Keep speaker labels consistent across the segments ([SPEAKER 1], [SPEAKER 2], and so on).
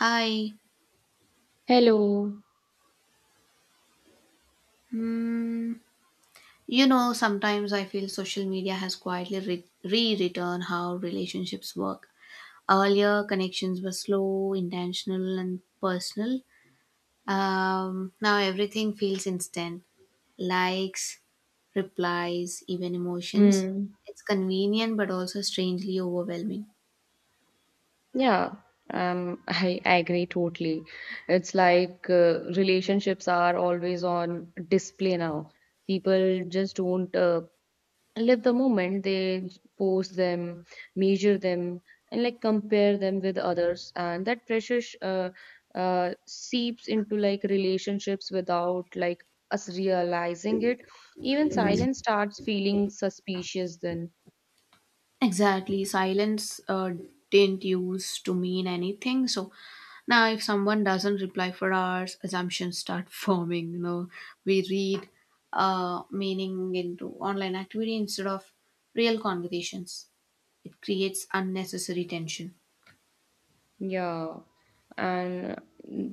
[SPEAKER 1] Hi.
[SPEAKER 2] Hello.
[SPEAKER 1] Hmm. You know, sometimes I feel social media has quietly rewritten how relationships work. Earlier, connections were slow, intentional, and personal. Now everything feels instant likes, replies, even emotions.
[SPEAKER 2] Hmm.
[SPEAKER 1] It's convenient but also strangely overwhelming.
[SPEAKER 2] Yeah. I agree totally. It's like relationships are always on display now. People just don't live the moment. They post them, measure them, and like compare them with others. And that pressure seeps into like relationships without like us realizing it. Even silence starts feeling suspicious then.
[SPEAKER 1] Exactly. Silence didn't use to mean anything. So now, if someone doesn't reply for hours, assumptions start forming. You know, we read meaning into online activity instead of real conversations. It creates unnecessary tension.
[SPEAKER 2] Yeah, and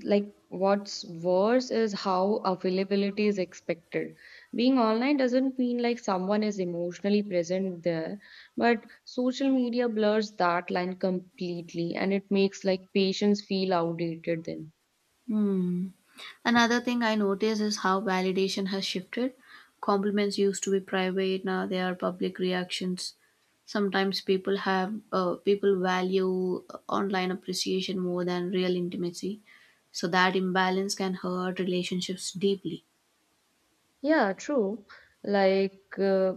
[SPEAKER 2] like what's worse is how availability is expected. Being online doesn't mean like someone is emotionally present there, but social media blurs that line completely and it makes like patients feel outdated then.
[SPEAKER 1] Hmm. Another thing I notice is how validation has shifted. Compliments used to be private, now they are public reactions. Sometimes people value online appreciation more than real intimacy. So that imbalance can hurt relationships deeply.
[SPEAKER 2] Yeah, true. Like,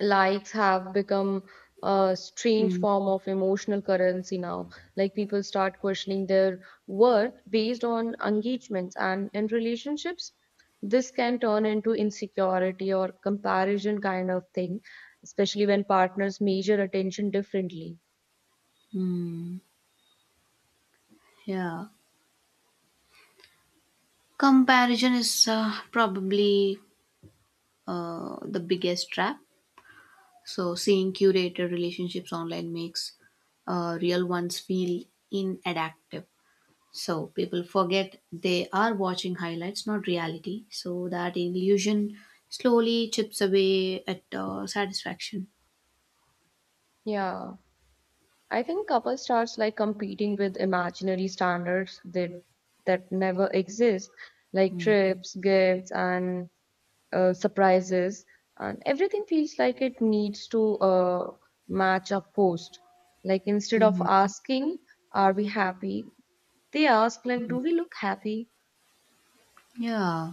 [SPEAKER 2] likes have become a strange
[SPEAKER 1] Hmm.
[SPEAKER 2] form of emotional currency now. Like people start questioning their worth based on engagements and in relationships. This can turn into insecurity or comparison kind of thing, especially when partners measure attention differently.
[SPEAKER 1] Hmm. Yeah. Comparison is probably the biggest trap. So, seeing curated relationships online makes real ones feel inadaptive. So, people forget they are watching highlights, not reality. So, that illusion slowly chips away at satisfaction.
[SPEAKER 2] Yeah. I think couple starts like competing with imaginary standards that never exist, like trips, gifts, and surprises, and everything feels like it needs to match a post. Like instead of
[SPEAKER 1] Mhm.
[SPEAKER 2] asking, "Are we happy?" they ask, "Like, do we look happy?"
[SPEAKER 1] Yeah.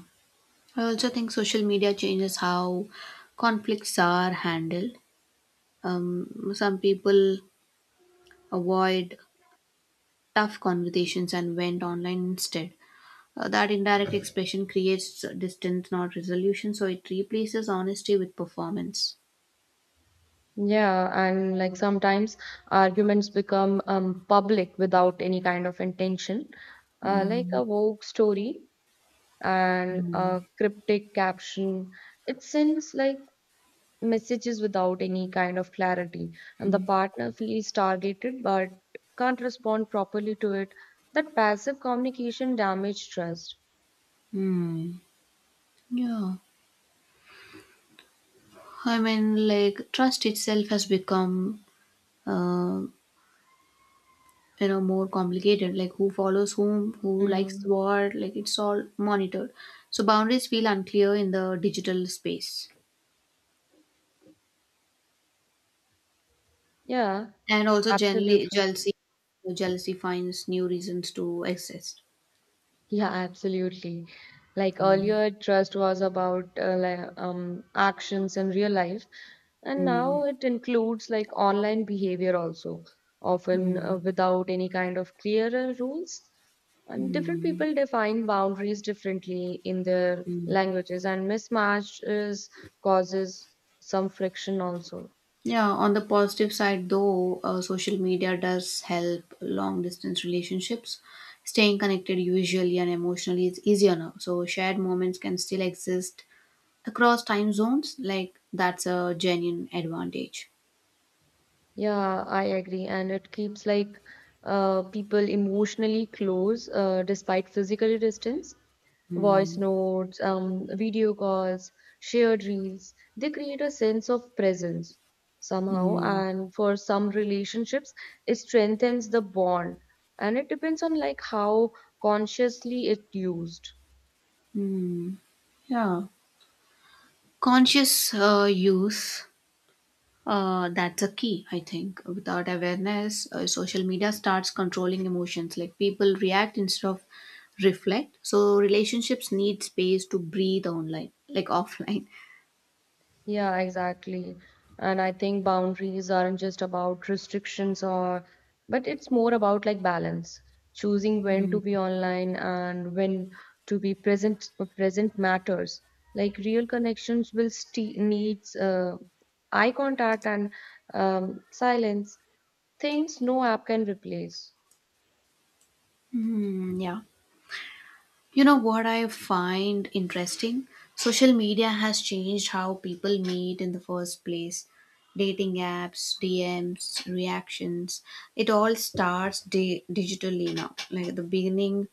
[SPEAKER 1] I also think social media changes how conflicts are handled. Some people avoid tough conversations and went online instead. That indirect expression creates distance, not resolution. So it replaces honesty with performance.
[SPEAKER 2] Yeah, and like sometimes arguments become public without any kind of intention, like a Vogue story and a cryptic caption. It sends like messages without any kind of clarity and the partner feels targeted but can't respond properly to it that passive communication damages trust.
[SPEAKER 1] Hmm. Yeah. I mean, like trust itself has become, uh, you know, more complicated. Like who follows whom, who likes
[SPEAKER 2] Mm.
[SPEAKER 1] what. Like it's all monitored. So boundaries feel unclear in the digital space,
[SPEAKER 2] Yeah,
[SPEAKER 1] and also generally
[SPEAKER 2] absolutely.
[SPEAKER 1] jealousy. Jealousy finds new reasons to exist.
[SPEAKER 2] Yeah, absolutely. Like
[SPEAKER 1] Hmm.
[SPEAKER 2] earlier, trust was about like, actions in real life, and
[SPEAKER 1] Hmm.
[SPEAKER 2] now it includes like online behavior also, often
[SPEAKER 1] Hmm.
[SPEAKER 2] without any kind of clearer rules. And different people define boundaries differently in their
[SPEAKER 1] Hmm.
[SPEAKER 2] languages, and mismatches causes some friction also.
[SPEAKER 1] Yeah, on the positive side, though, social media does help long distance relationships. Staying connected visually and emotionally is easier now. So, shared moments can still exist across time zones. Like, that's a genuine advantage.
[SPEAKER 2] Yeah, I agree. And it keeps like people emotionally close despite physical distance. Voice notes, video calls, shared reels, they create a sense of presence somehow.
[SPEAKER 1] Mm.
[SPEAKER 2] And for some relationships, it strengthens the bond. And it depends on like how consciously it used.
[SPEAKER 1] Mm. Yeah. Conscious use. That's a key, I think. Without awareness, social media starts controlling emotions. Like people react instead of reflect. So relationships need space to breathe online, like offline.
[SPEAKER 2] Yeah, exactly. And I think boundaries aren't just about restrictions or, but it's more about like balance, choosing when to be online and when to be present, present matters. Like real connections will st needs eye contact and silence, things no app can replace.
[SPEAKER 1] Hmm, yeah. You know what I find interesting? Social media has changed how people meet in the first place. Dating apps, DMs, reactions. It all starts digitally now. Like at the beginning,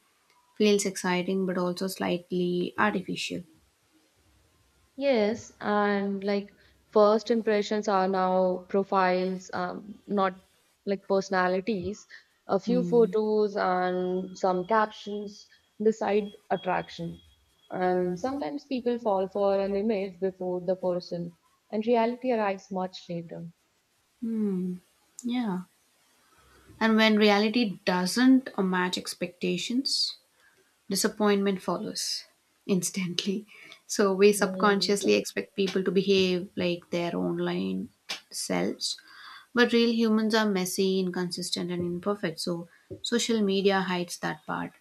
[SPEAKER 1] feels exciting but also slightly artificial.
[SPEAKER 2] Yes, and like first impressions are now profiles, not like personalities. A few
[SPEAKER 1] Hmm.
[SPEAKER 2] photos and some captions decide attraction. And sometimes people fall for an image before the person, and reality arrives much later.
[SPEAKER 1] Hmm. Yeah. And when reality doesn't match expectations, disappointment follows instantly. So we subconsciously expect people to behave like their online selves. But real humans are messy, inconsistent, and imperfect. So social media hides that part.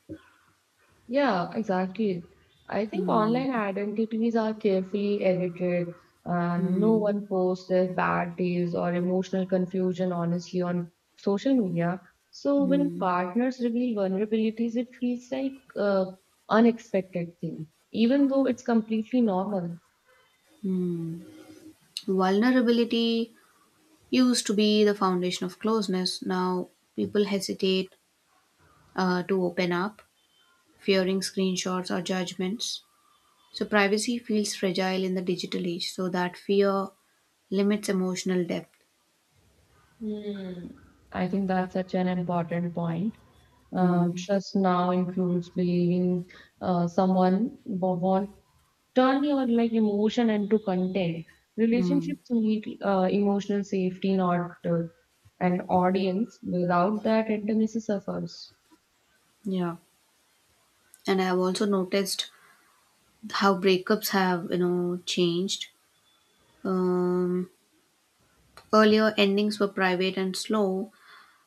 [SPEAKER 2] Yeah, exactly. I think
[SPEAKER 1] Hmm.
[SPEAKER 2] online identities are carefully edited, and no
[SPEAKER 1] Hmm.
[SPEAKER 2] one posts their bad days or emotional confusion honestly on social media. So when
[SPEAKER 1] Hmm.
[SPEAKER 2] partners reveal vulnerabilities, it feels like a unexpected thing, even though it's completely normal.
[SPEAKER 1] Vulnerability used to be the foundation of closeness. Now people hesitate to open up, fearing screenshots or judgments. So privacy feels fragile in the digital age. So that fear limits emotional depth.
[SPEAKER 2] Hmm. I think that's such an important point.
[SPEAKER 1] Mm,
[SPEAKER 2] Trust now includes believing someone won't turn your like emotion into content.
[SPEAKER 1] mm,
[SPEAKER 2] Relationships need emotional safety, not an audience. Without that, intimacy suffers.
[SPEAKER 1] yeah, and I have also noticed how breakups have, you know, changed. Um, Earlier endings were private and slow.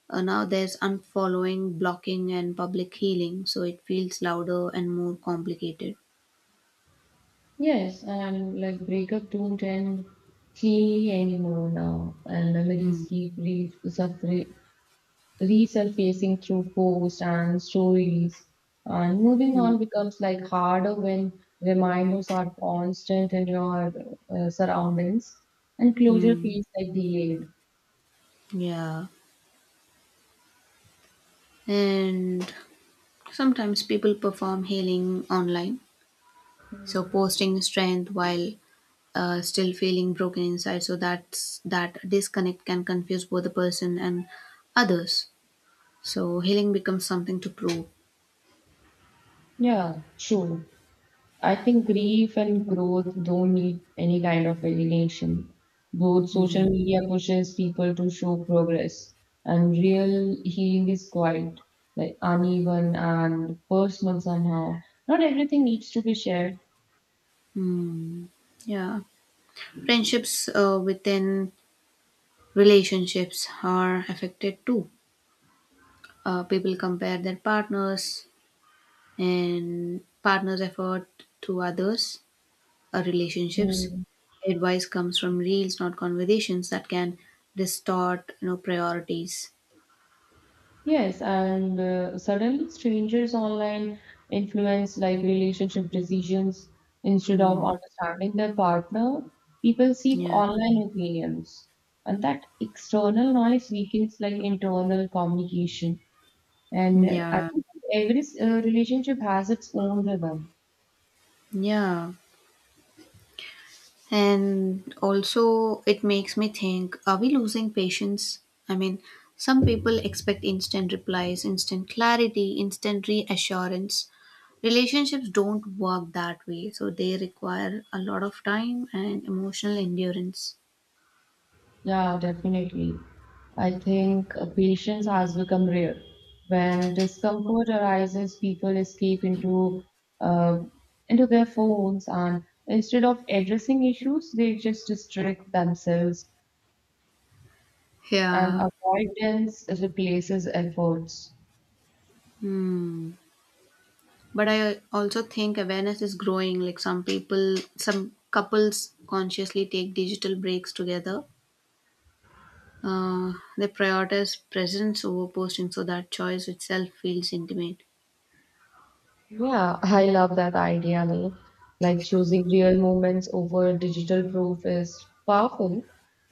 [SPEAKER 1] Now there's unfollowing, blocking, and public healing. So it feels louder and more complicated.
[SPEAKER 2] Yes, and like breakup don't end cleanly anymore now, and memories
[SPEAKER 1] Mm,
[SPEAKER 2] keep suffering resurfacing through posts and stories. And moving
[SPEAKER 1] mm,
[SPEAKER 2] on becomes like harder when reminders are constant in your surroundings and closure
[SPEAKER 1] mm.
[SPEAKER 2] feels like delayed.
[SPEAKER 1] Yeah. And sometimes people perform healing online. So posting strength while still feeling broken inside. So that disconnect can confuse both the person and others. So healing becomes something to prove.
[SPEAKER 2] Yeah, true. I think grief and growth don't need any kind of validation. Both social media pushes people to show progress, and real healing is quite like uneven and personal somehow. Not everything needs to be shared.
[SPEAKER 1] Mm, yeah. Friendships within relationships are affected too. People compare their partners and partners' effort to others relationships.
[SPEAKER 2] Hmm.
[SPEAKER 1] Advice comes from reels, not conversations that can distort, you know, priorities.
[SPEAKER 2] Yes, and suddenly strangers online influence like relationship decisions instead of
[SPEAKER 1] Hmm.
[SPEAKER 2] understanding their partner. People seek
[SPEAKER 1] Yeah.
[SPEAKER 2] online opinions, and that external noise weakens like internal communication. And I
[SPEAKER 1] Yeah.
[SPEAKER 2] think every relationship has its own rhythm.
[SPEAKER 1] Yeah. And also, it makes me think, are we losing patience? I mean, some people expect instant replies, instant clarity, instant reassurance. Relationships don't work that way, so they require a lot of time and emotional endurance.
[SPEAKER 2] Yeah, definitely. I think patience has become rare. When discomfort arises, people escape uh, into their phones, and instead of addressing issues, they just distract themselves. And
[SPEAKER 1] Yeah.
[SPEAKER 2] avoidance replaces efforts.
[SPEAKER 1] Hmm. But I also think awareness is growing. Like some people, some couples consciously take digital breaks together. They prioritize presence over posting, so that choice itself feels intimate.
[SPEAKER 2] Yeah, I love that idea. No? Like choosing real moments over digital proof is powerful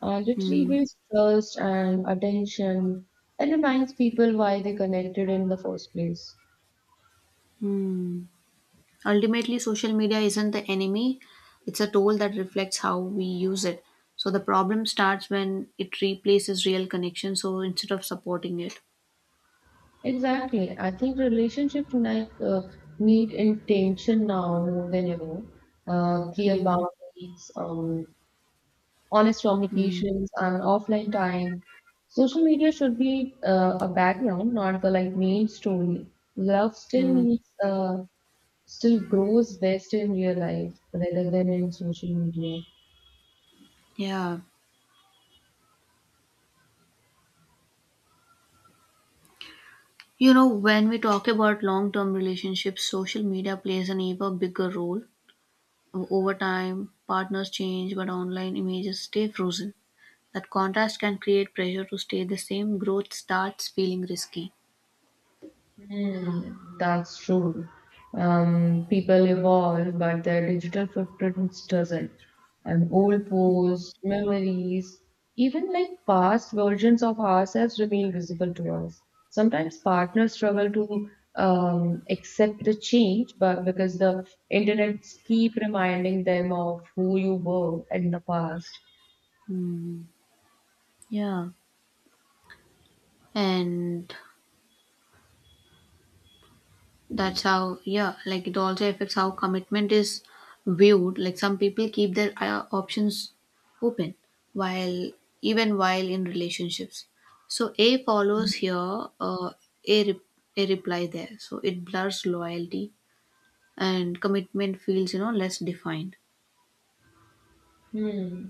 [SPEAKER 2] and it
[SPEAKER 1] Hmm.
[SPEAKER 2] rebuilds trust and attention and reminds people why they connected in the first place.
[SPEAKER 1] Hmm. Ultimately, social media isn't the enemy. It's a tool that reflects how we use it. So the problem starts when it replaces real connection, so instead of supporting it.
[SPEAKER 2] Exactly. I think relationships like, need intention now more than ever. Clear
[SPEAKER 1] Hmm.
[SPEAKER 2] boundaries, honest
[SPEAKER 1] Hmm.
[SPEAKER 2] communications, and offline time. Social media should be a background, not the like main story. Love still
[SPEAKER 1] Hmm.
[SPEAKER 2] needs, still grows best in real life rather than in social media.
[SPEAKER 1] Yeah. You know, when we talk about long term relationships, social media plays an even bigger role. Over time, partners change, but online images stay frozen. That contrast can create pressure to stay the same. Growth starts feeling risky.
[SPEAKER 2] Mm, that's true. People evolve, but their digital footprints doesn't. And old posts, memories, even like past versions of ourselves remain visible to us. Sometimes partners struggle to accept the change, but because the internet keep reminding them of who you were in the past.
[SPEAKER 1] Yeah. And that's how, yeah, like it also affects how commitment is viewed. Like some people keep their options open while, even while in relationships. So a follows here, a, a reply there. So it blurs loyalty and commitment feels, you know, less defined.
[SPEAKER 2] Hmm.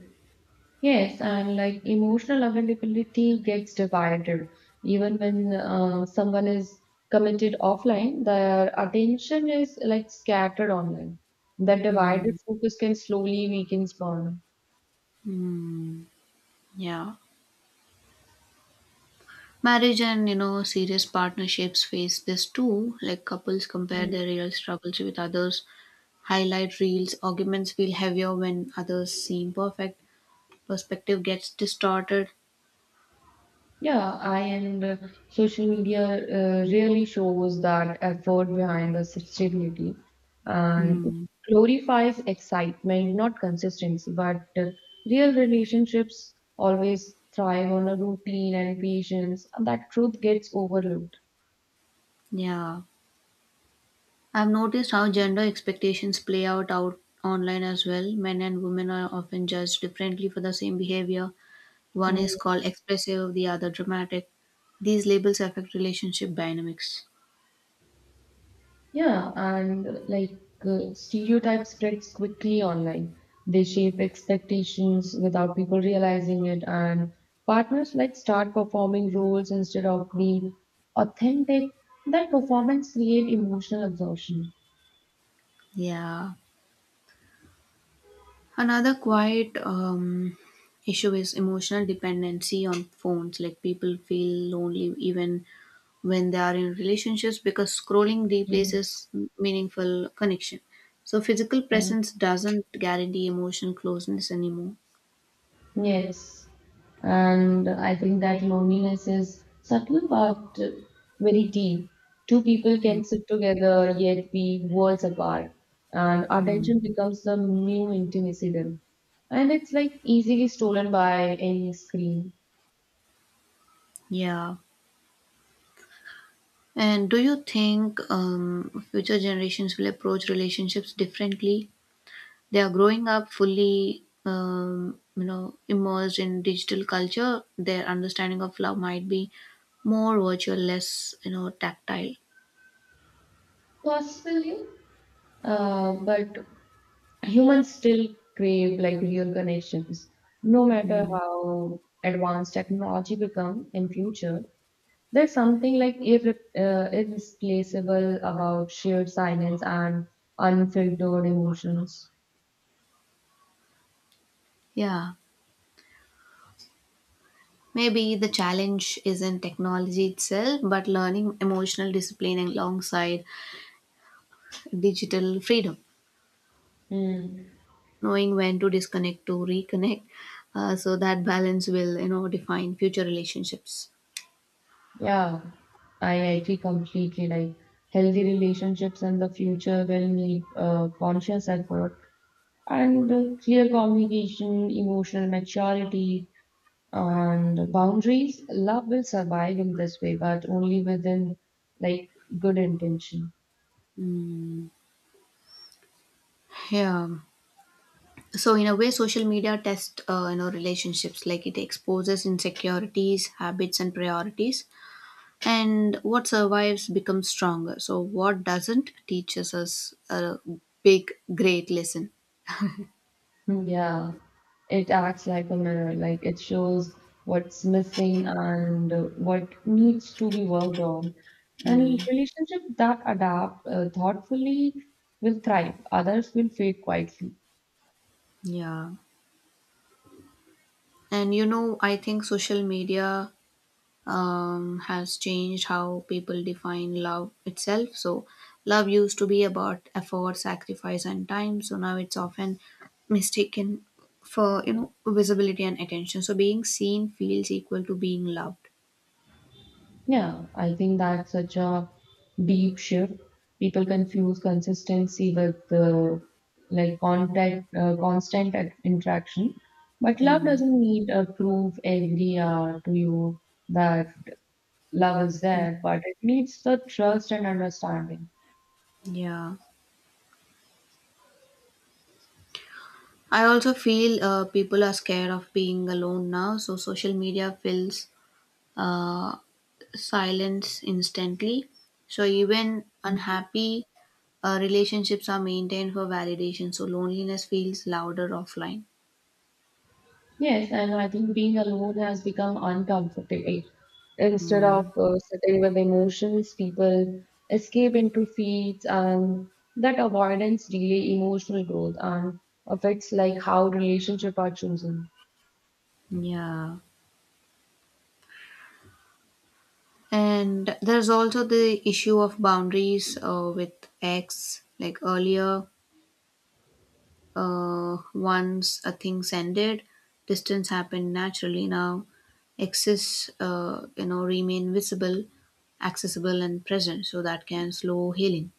[SPEAKER 2] Yes, and like emotional availability gets divided. Even when someone is committed offline, their attention is like scattered online. That divided focus can slowly weaken bond.
[SPEAKER 1] Mm, yeah. Marriage and, you know, serious partnerships face this too. Like couples compare their real struggles with others, highlight reels, arguments feel heavier when others seem perfect, perspective gets distorted.
[SPEAKER 2] Yeah, I and social media really shows that effort behind the sustainability, and it
[SPEAKER 1] Hmm.
[SPEAKER 2] glorifies excitement, not consistency. But real relationships always thrive on a routine and patience, and that truth gets overlooked.
[SPEAKER 1] Yeah. I've noticed how gender expectations play out online as well. Men and women are often judged differently for the same behavior. One
[SPEAKER 2] Hmm.
[SPEAKER 1] is called expressive, the other dramatic. These labels affect relationship dynamics.
[SPEAKER 2] Yeah, and like stereotypes spreads quickly online. They shape expectations without people realizing it, and partners like start performing roles instead of being authentic. That performance create emotional exhaustion.
[SPEAKER 1] Yeah. Another quiet issue is emotional dependency on phones. Like people feel lonely even when they are in relationships because scrolling
[SPEAKER 2] Yeah.
[SPEAKER 1] replaces meaningful connection. So physical presence doesn't guarantee emotional closeness anymore.
[SPEAKER 2] Yes, and I think that loneliness is subtle but very deep. Two people can sit together yet be worlds apart, and
[SPEAKER 1] Hmm.
[SPEAKER 2] attention becomes the new intimacy then. And it's like easily stolen by any screen.
[SPEAKER 1] Yeah. And do you think future generations will approach relationships differently? They are growing up fully, you know, immersed in digital culture. Their understanding of love might be more virtual, less, you know, tactile.
[SPEAKER 2] Possibly, but humans still crave like real connections, no matter how advanced technology become in future. There's something like irreplaceable about sheer silence and unfiltered emotions.
[SPEAKER 1] Yeah. Maybe the challenge isn't technology itself, but learning emotional discipline alongside digital freedom,
[SPEAKER 2] Hmm.
[SPEAKER 1] knowing when to disconnect to reconnect. So that balance will, you know, define future relationships.
[SPEAKER 2] Yeah, I agree completely. Like healthy relationships in the future will need conscious effort and clear communication, emotional maturity, and boundaries. Love will survive in this way, but only within like good intention.
[SPEAKER 1] Yeah. So in a way social media tests, you know, relationships, like it exposes insecurities, habits and priorities, and what survives becomes stronger, so what doesn't teaches us a big great lesson.
[SPEAKER 2] Mm, yeah, it acts like a mirror, like it shows what's missing and what needs to be worked on. And
[SPEAKER 1] Mm,
[SPEAKER 2] relationships that adapt thoughtfully will thrive, others will fade quietly.
[SPEAKER 1] yeah. And, you know, I think social media, has changed how people define love itself. So, love used to be about effort, sacrifice, and time. So now it's often mistaken for, you know, visibility and attention. So being seen feels equal to being loved.
[SPEAKER 2] Yeah, I think that's such a deep shift. People confuse consistency with like constant interaction. But love
[SPEAKER 1] Mm,
[SPEAKER 2] doesn't need a proof every hour to you that Love is there, but it needs the trust and understanding.
[SPEAKER 1] yeah. I also feel people are scared of being alone now, so social media fills uh, silence instantly. So even unhappy relationships are maintained for validation. So loneliness feels louder offline.
[SPEAKER 2] Yes, and I think being alone has become uncomfortable. Instead of
[SPEAKER 1] Mm,
[SPEAKER 2] sitting with emotions, people escape into feeds, and that avoidance delay emotional growth and affects like how relationship are chosen.
[SPEAKER 1] yeah. And there's also the issue of boundaries with X. Like earlier, once a thing's ended, distance happened naturally. Now, X's, you know, remain visible, accessible, and present. So that can slow healing.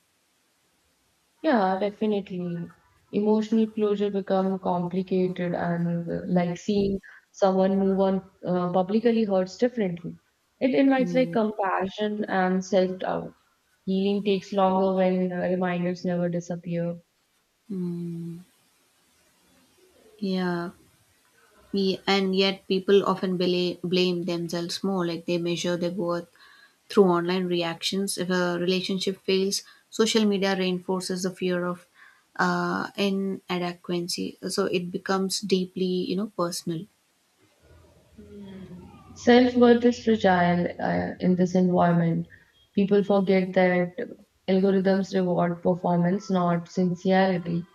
[SPEAKER 2] Yeah, definitely. Emotional closure become complicated and like seeing someone move on publicly hurts differently. It invites like compassion and self-doubt. Healing takes longer when reminders never disappear.
[SPEAKER 1] Mm, yeah. And yet, people often blame themselves more, like they measure their worth through online reactions. If a relationship fails, social media reinforces the fear of inadequacy. So it becomes deeply, you know, personal.
[SPEAKER 2] Self worth is fragile in this environment. People forget that algorithms reward performance, not sincerity.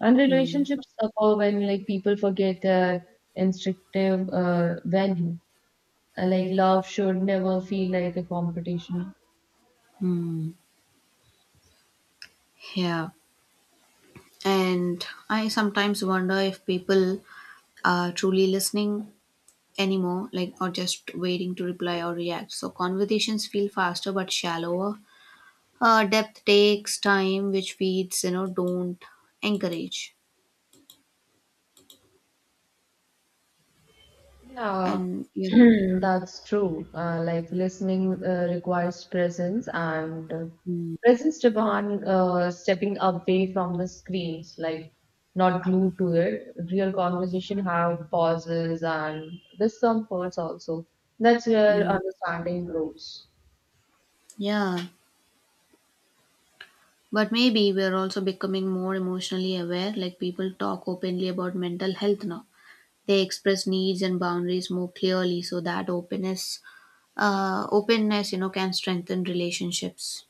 [SPEAKER 2] And
[SPEAKER 1] Mm.
[SPEAKER 2] relationships suffer when like people forget their instinctive value. Like love should never feel like a competition.
[SPEAKER 1] Hmm. Yeah. And I sometimes wonder if people are truly listening anymore, like, or just waiting to reply or react. So conversations feel faster but shallower. Depth takes time, which feeds, you know, don't encourage.
[SPEAKER 2] Yeah,
[SPEAKER 1] And yeah,
[SPEAKER 2] that's true. Like listening requires presence and presence demand stepping away from the screens, like not glued to it. Real conversation have pauses and discomforts also. That's where
[SPEAKER 1] mm,
[SPEAKER 2] understanding grows.
[SPEAKER 1] yeah. But maybe we're also becoming more emotionally aware. Like people talk openly about mental health now. They express needs and boundaries more clearly, so that openness, you know, can strengthen relationships.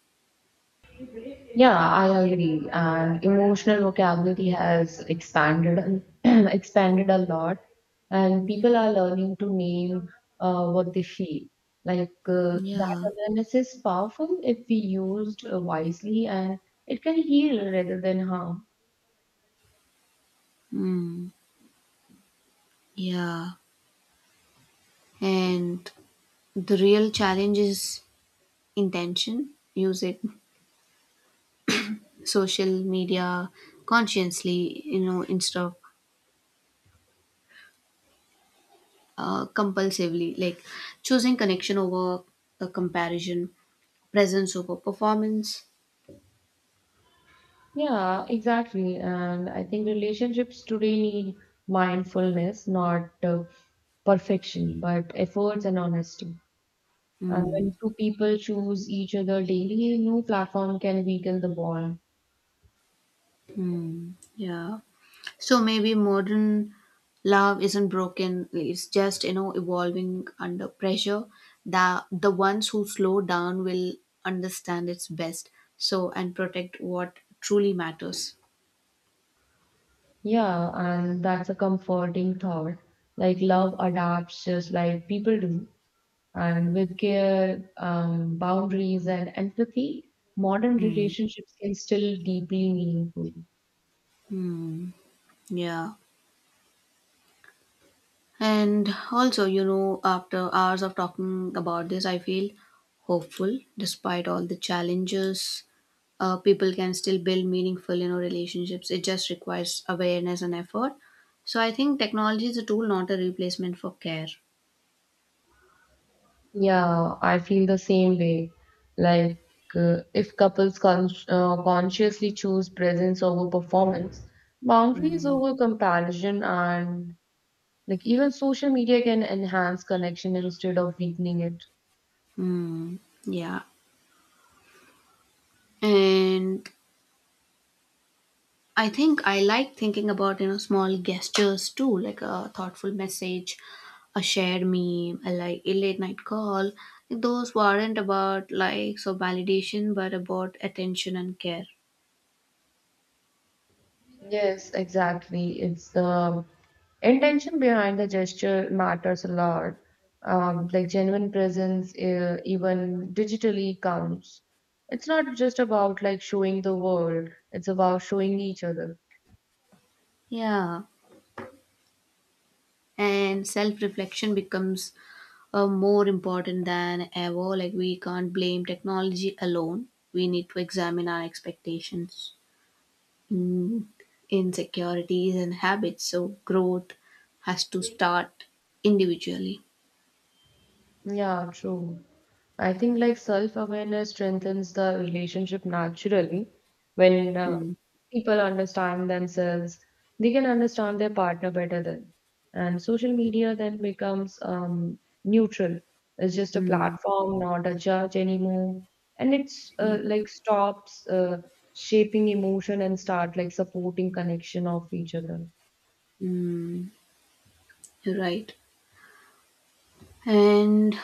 [SPEAKER 2] Yeah, I agree. And emotional vocabulary has expanded expanded a lot, and people are learning to name what they feel. Like that
[SPEAKER 1] Yeah.
[SPEAKER 2] awareness is powerful if we used wisely, and it can heal rather than harm.
[SPEAKER 1] Mm, yeah. And the real challenge is intention. Use it, social media, consciously, you know, instead of compulsively, like choosing connection over a comparison, presence over performance.
[SPEAKER 2] Yeah, exactly. And I think relationships today need mindfulness, not perfection, but efforts and honesty. And
[SPEAKER 1] Hmm.
[SPEAKER 2] when two people choose each other daily, no platform can weaken the bond.
[SPEAKER 1] Hmm. Yeah. So maybe modern love isn't broken, it's just, you know, evolving under pressure. The ones who slow down will understand its best, so and protect what truly matters.
[SPEAKER 2] Yeah, and that's a comforting thought. Like love adapts just like people do. And with care, boundaries, and empathy, modern
[SPEAKER 1] Hmm.
[SPEAKER 2] relationships can still deeply meaningful.
[SPEAKER 1] Hmm. Yeah. And also, you know, after hours of talking about this, I feel hopeful despite all the challenges. People can still build meaningful, you know, relationships. It just requires awareness and effort. So I think technology is a tool, not a replacement for care.
[SPEAKER 2] Yeah, I feel the same way. Like, if couples consciously choose presence over performance, boundaries over comparison, and like even social media can enhance connection instead of weakening it.
[SPEAKER 1] Hmm. Yeah. And I think I like thinking about, you know, small gestures too, like a thoughtful message, a shared meme, a like a late night call. Like, those weren't about likes or validation, but about attention and care.
[SPEAKER 2] Yes, exactly. It's the intention behind the gesture matters a lot. Like genuine presence, even digitally counts. It's not just about like showing the world, it's about showing each other.
[SPEAKER 1] Yeah, and self reflection becomes more important than ever. Like we can't blame technology alone. We need to examine our expectations, mm, insecurities, and habits. So growth has to start individually.
[SPEAKER 2] Yeah, true. I think like self-awareness strengthens the relationship naturally when
[SPEAKER 1] Mm,
[SPEAKER 2] people understand themselves, they can understand their partner better then. And social media then becomes neutral. It's just a
[SPEAKER 1] mm,
[SPEAKER 2] platform, not a judge anymore. And it's
[SPEAKER 1] yeah,
[SPEAKER 2] like stops shaping emotion and start like supporting connection of each other.
[SPEAKER 1] mm, you're right. And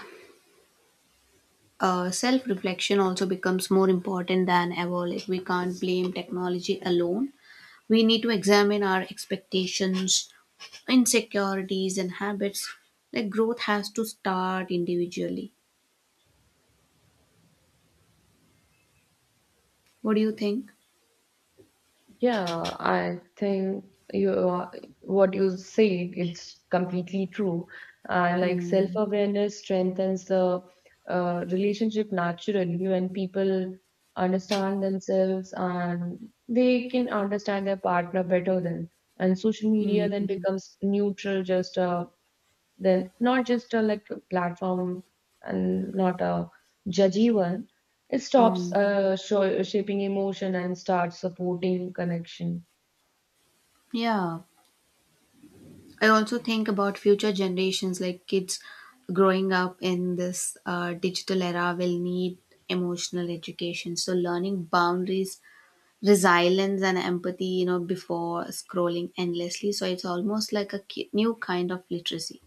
[SPEAKER 1] self reflection also becomes more important than ever. Like, we can't blame technology alone. We need to examine our expectations, insecurities, and habits. Like, growth has to start individually. What do you think?
[SPEAKER 2] Yeah, I think you are, what you say is completely true. Like
[SPEAKER 1] Mm,
[SPEAKER 2] self-awareness strengthens the relationship naturally when people understand themselves and they can understand their partner better then. And social media then
[SPEAKER 1] mm,
[SPEAKER 2] becomes neutral, just a then not just a like platform and not a judgy one. It stops
[SPEAKER 1] mm.
[SPEAKER 2] shaping emotion and starts supporting connection.
[SPEAKER 1] Yeah, I also think about future generations, like kids growing up in this digital era, will need emotional education. So, learning boundaries, resilience, and empathy, you know, before scrolling endlessly. So, it's almost like a new kind of literacy.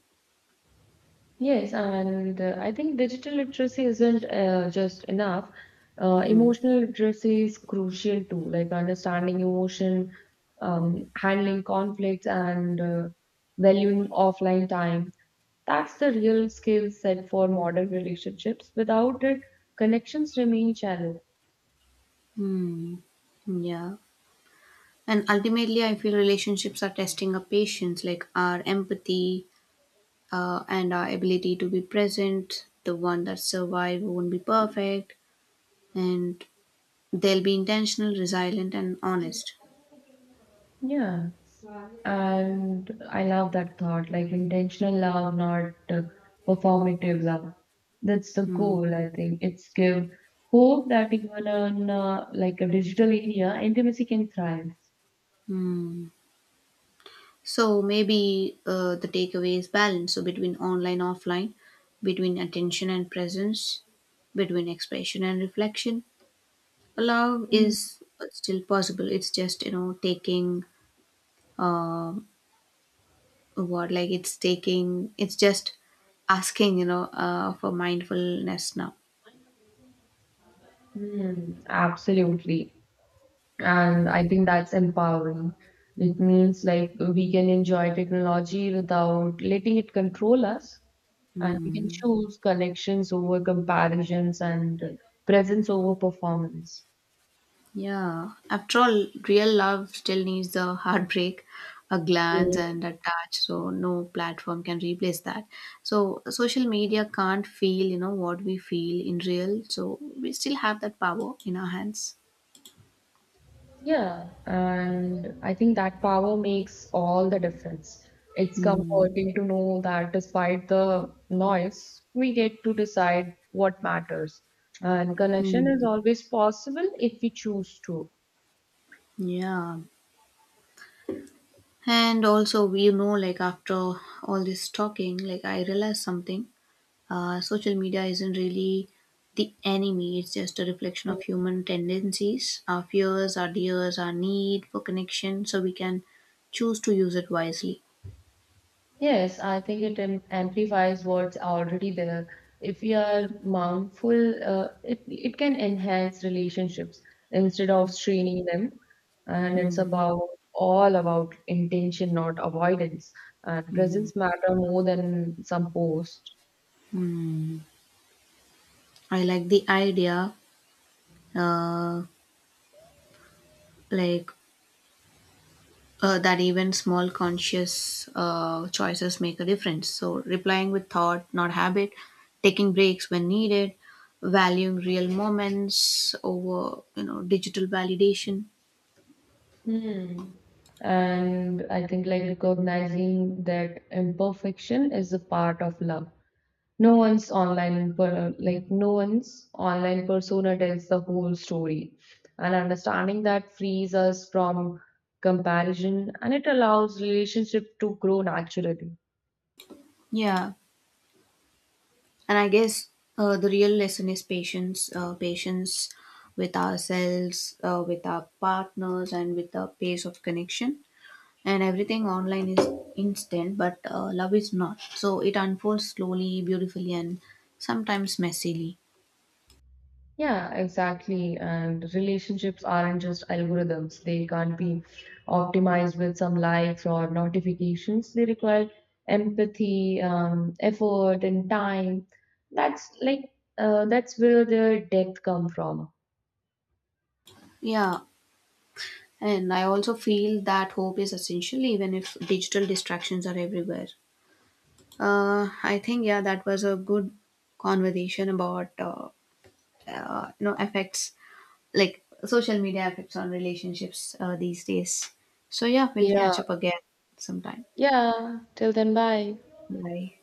[SPEAKER 2] Yes, and I think digital literacy isn't just enough.
[SPEAKER 1] Hmm.
[SPEAKER 2] Emotional literacy is crucial too, like understanding emotion, handling conflicts, and valuing offline time. That's the real skill set for modern relationships. Without it, connections remain shallow.
[SPEAKER 1] Hmm. Yeah. And ultimately, I feel relationships are testing our patience, like our empathy and our ability to be present. The one that survive won't be perfect. And they'll be intentional, resilient, and honest.
[SPEAKER 2] Yeah. And I love that thought, like intentional love, not performative love. That's the goal,
[SPEAKER 1] Hmm.
[SPEAKER 2] I think. It's give hope that even on like a digital India, intimacy can thrive.
[SPEAKER 1] Mm. So maybe the takeaway is balance. So between online, offline, between attention and presence, between expression and reflection, love is still possible. It's just, you know, taking uh, what like it's taking. It's just asking, you know, for mindfulness now.
[SPEAKER 2] Hmm, absolutely. And I think that's empowering. It means like we can enjoy technology without letting it control us, and we can
[SPEAKER 1] Mm.
[SPEAKER 2] choose connections over comparisons and presence over performance.
[SPEAKER 1] Yeah, after all, real love still needs the heartbreak, a glance,
[SPEAKER 2] Mm,
[SPEAKER 1] and a touch. So no platform can replace that. So social media can't feel, you know, what we feel in real. So we still have that power in our hands.
[SPEAKER 2] yeah, and I think that power makes all the difference. It's
[SPEAKER 1] Mm,
[SPEAKER 2] comforting to know that despite the noise, we get to decide what matters. And connection
[SPEAKER 1] mm,
[SPEAKER 2] is always possible if we choose to.
[SPEAKER 1] yeah. And also, we know, like after all this talking, like I realized something. Social media isn't really the enemy, it's just a reflection of human tendencies, our fears, our dears, our need for connection, so we can choose to use it wisely.
[SPEAKER 2] Yes, I think it amplifies what's already there. If we are mindful, it can enhance relationships instead of straining them. And it's
[SPEAKER 1] Hmm.
[SPEAKER 2] about all about intention, not avoidance. And presence matter more than some post.
[SPEAKER 1] Mm. I like the idea, uh, like that even small conscious choices make a difference. So replying with thought, not habit, taking breaks when needed, valuing real moments over, you know, digital validation.
[SPEAKER 2] Hmm. And I think like recognizing that imperfection is a part of love. No one's online per, like no one's online persona tells the whole story. And understanding that frees us from comparison and it allows relationship to grow naturally.
[SPEAKER 1] Yeah, and I guess the real lesson is patience, patience with ourselves, with our partners, and with the pace of connection. And everything online is instant, but love is not. So it unfolds slowly, beautifully, and sometimes messily.
[SPEAKER 2] Yeah, exactly. And relationships aren't just algorithms. They can't be optimized with some likes or notifications. They require empathy, effort, and time. That's like that's where the depth come from.
[SPEAKER 1] Yeah, and I also feel that hope is essential, even if digital distractions are everywhere. I think yeah, that was a good conversation about, you know, effects like social media affects on relationships these days. So yeah, we'll
[SPEAKER 2] Yeah,
[SPEAKER 1] catch up again sometime.
[SPEAKER 2] yeah, till then, bye.
[SPEAKER 1] Bye.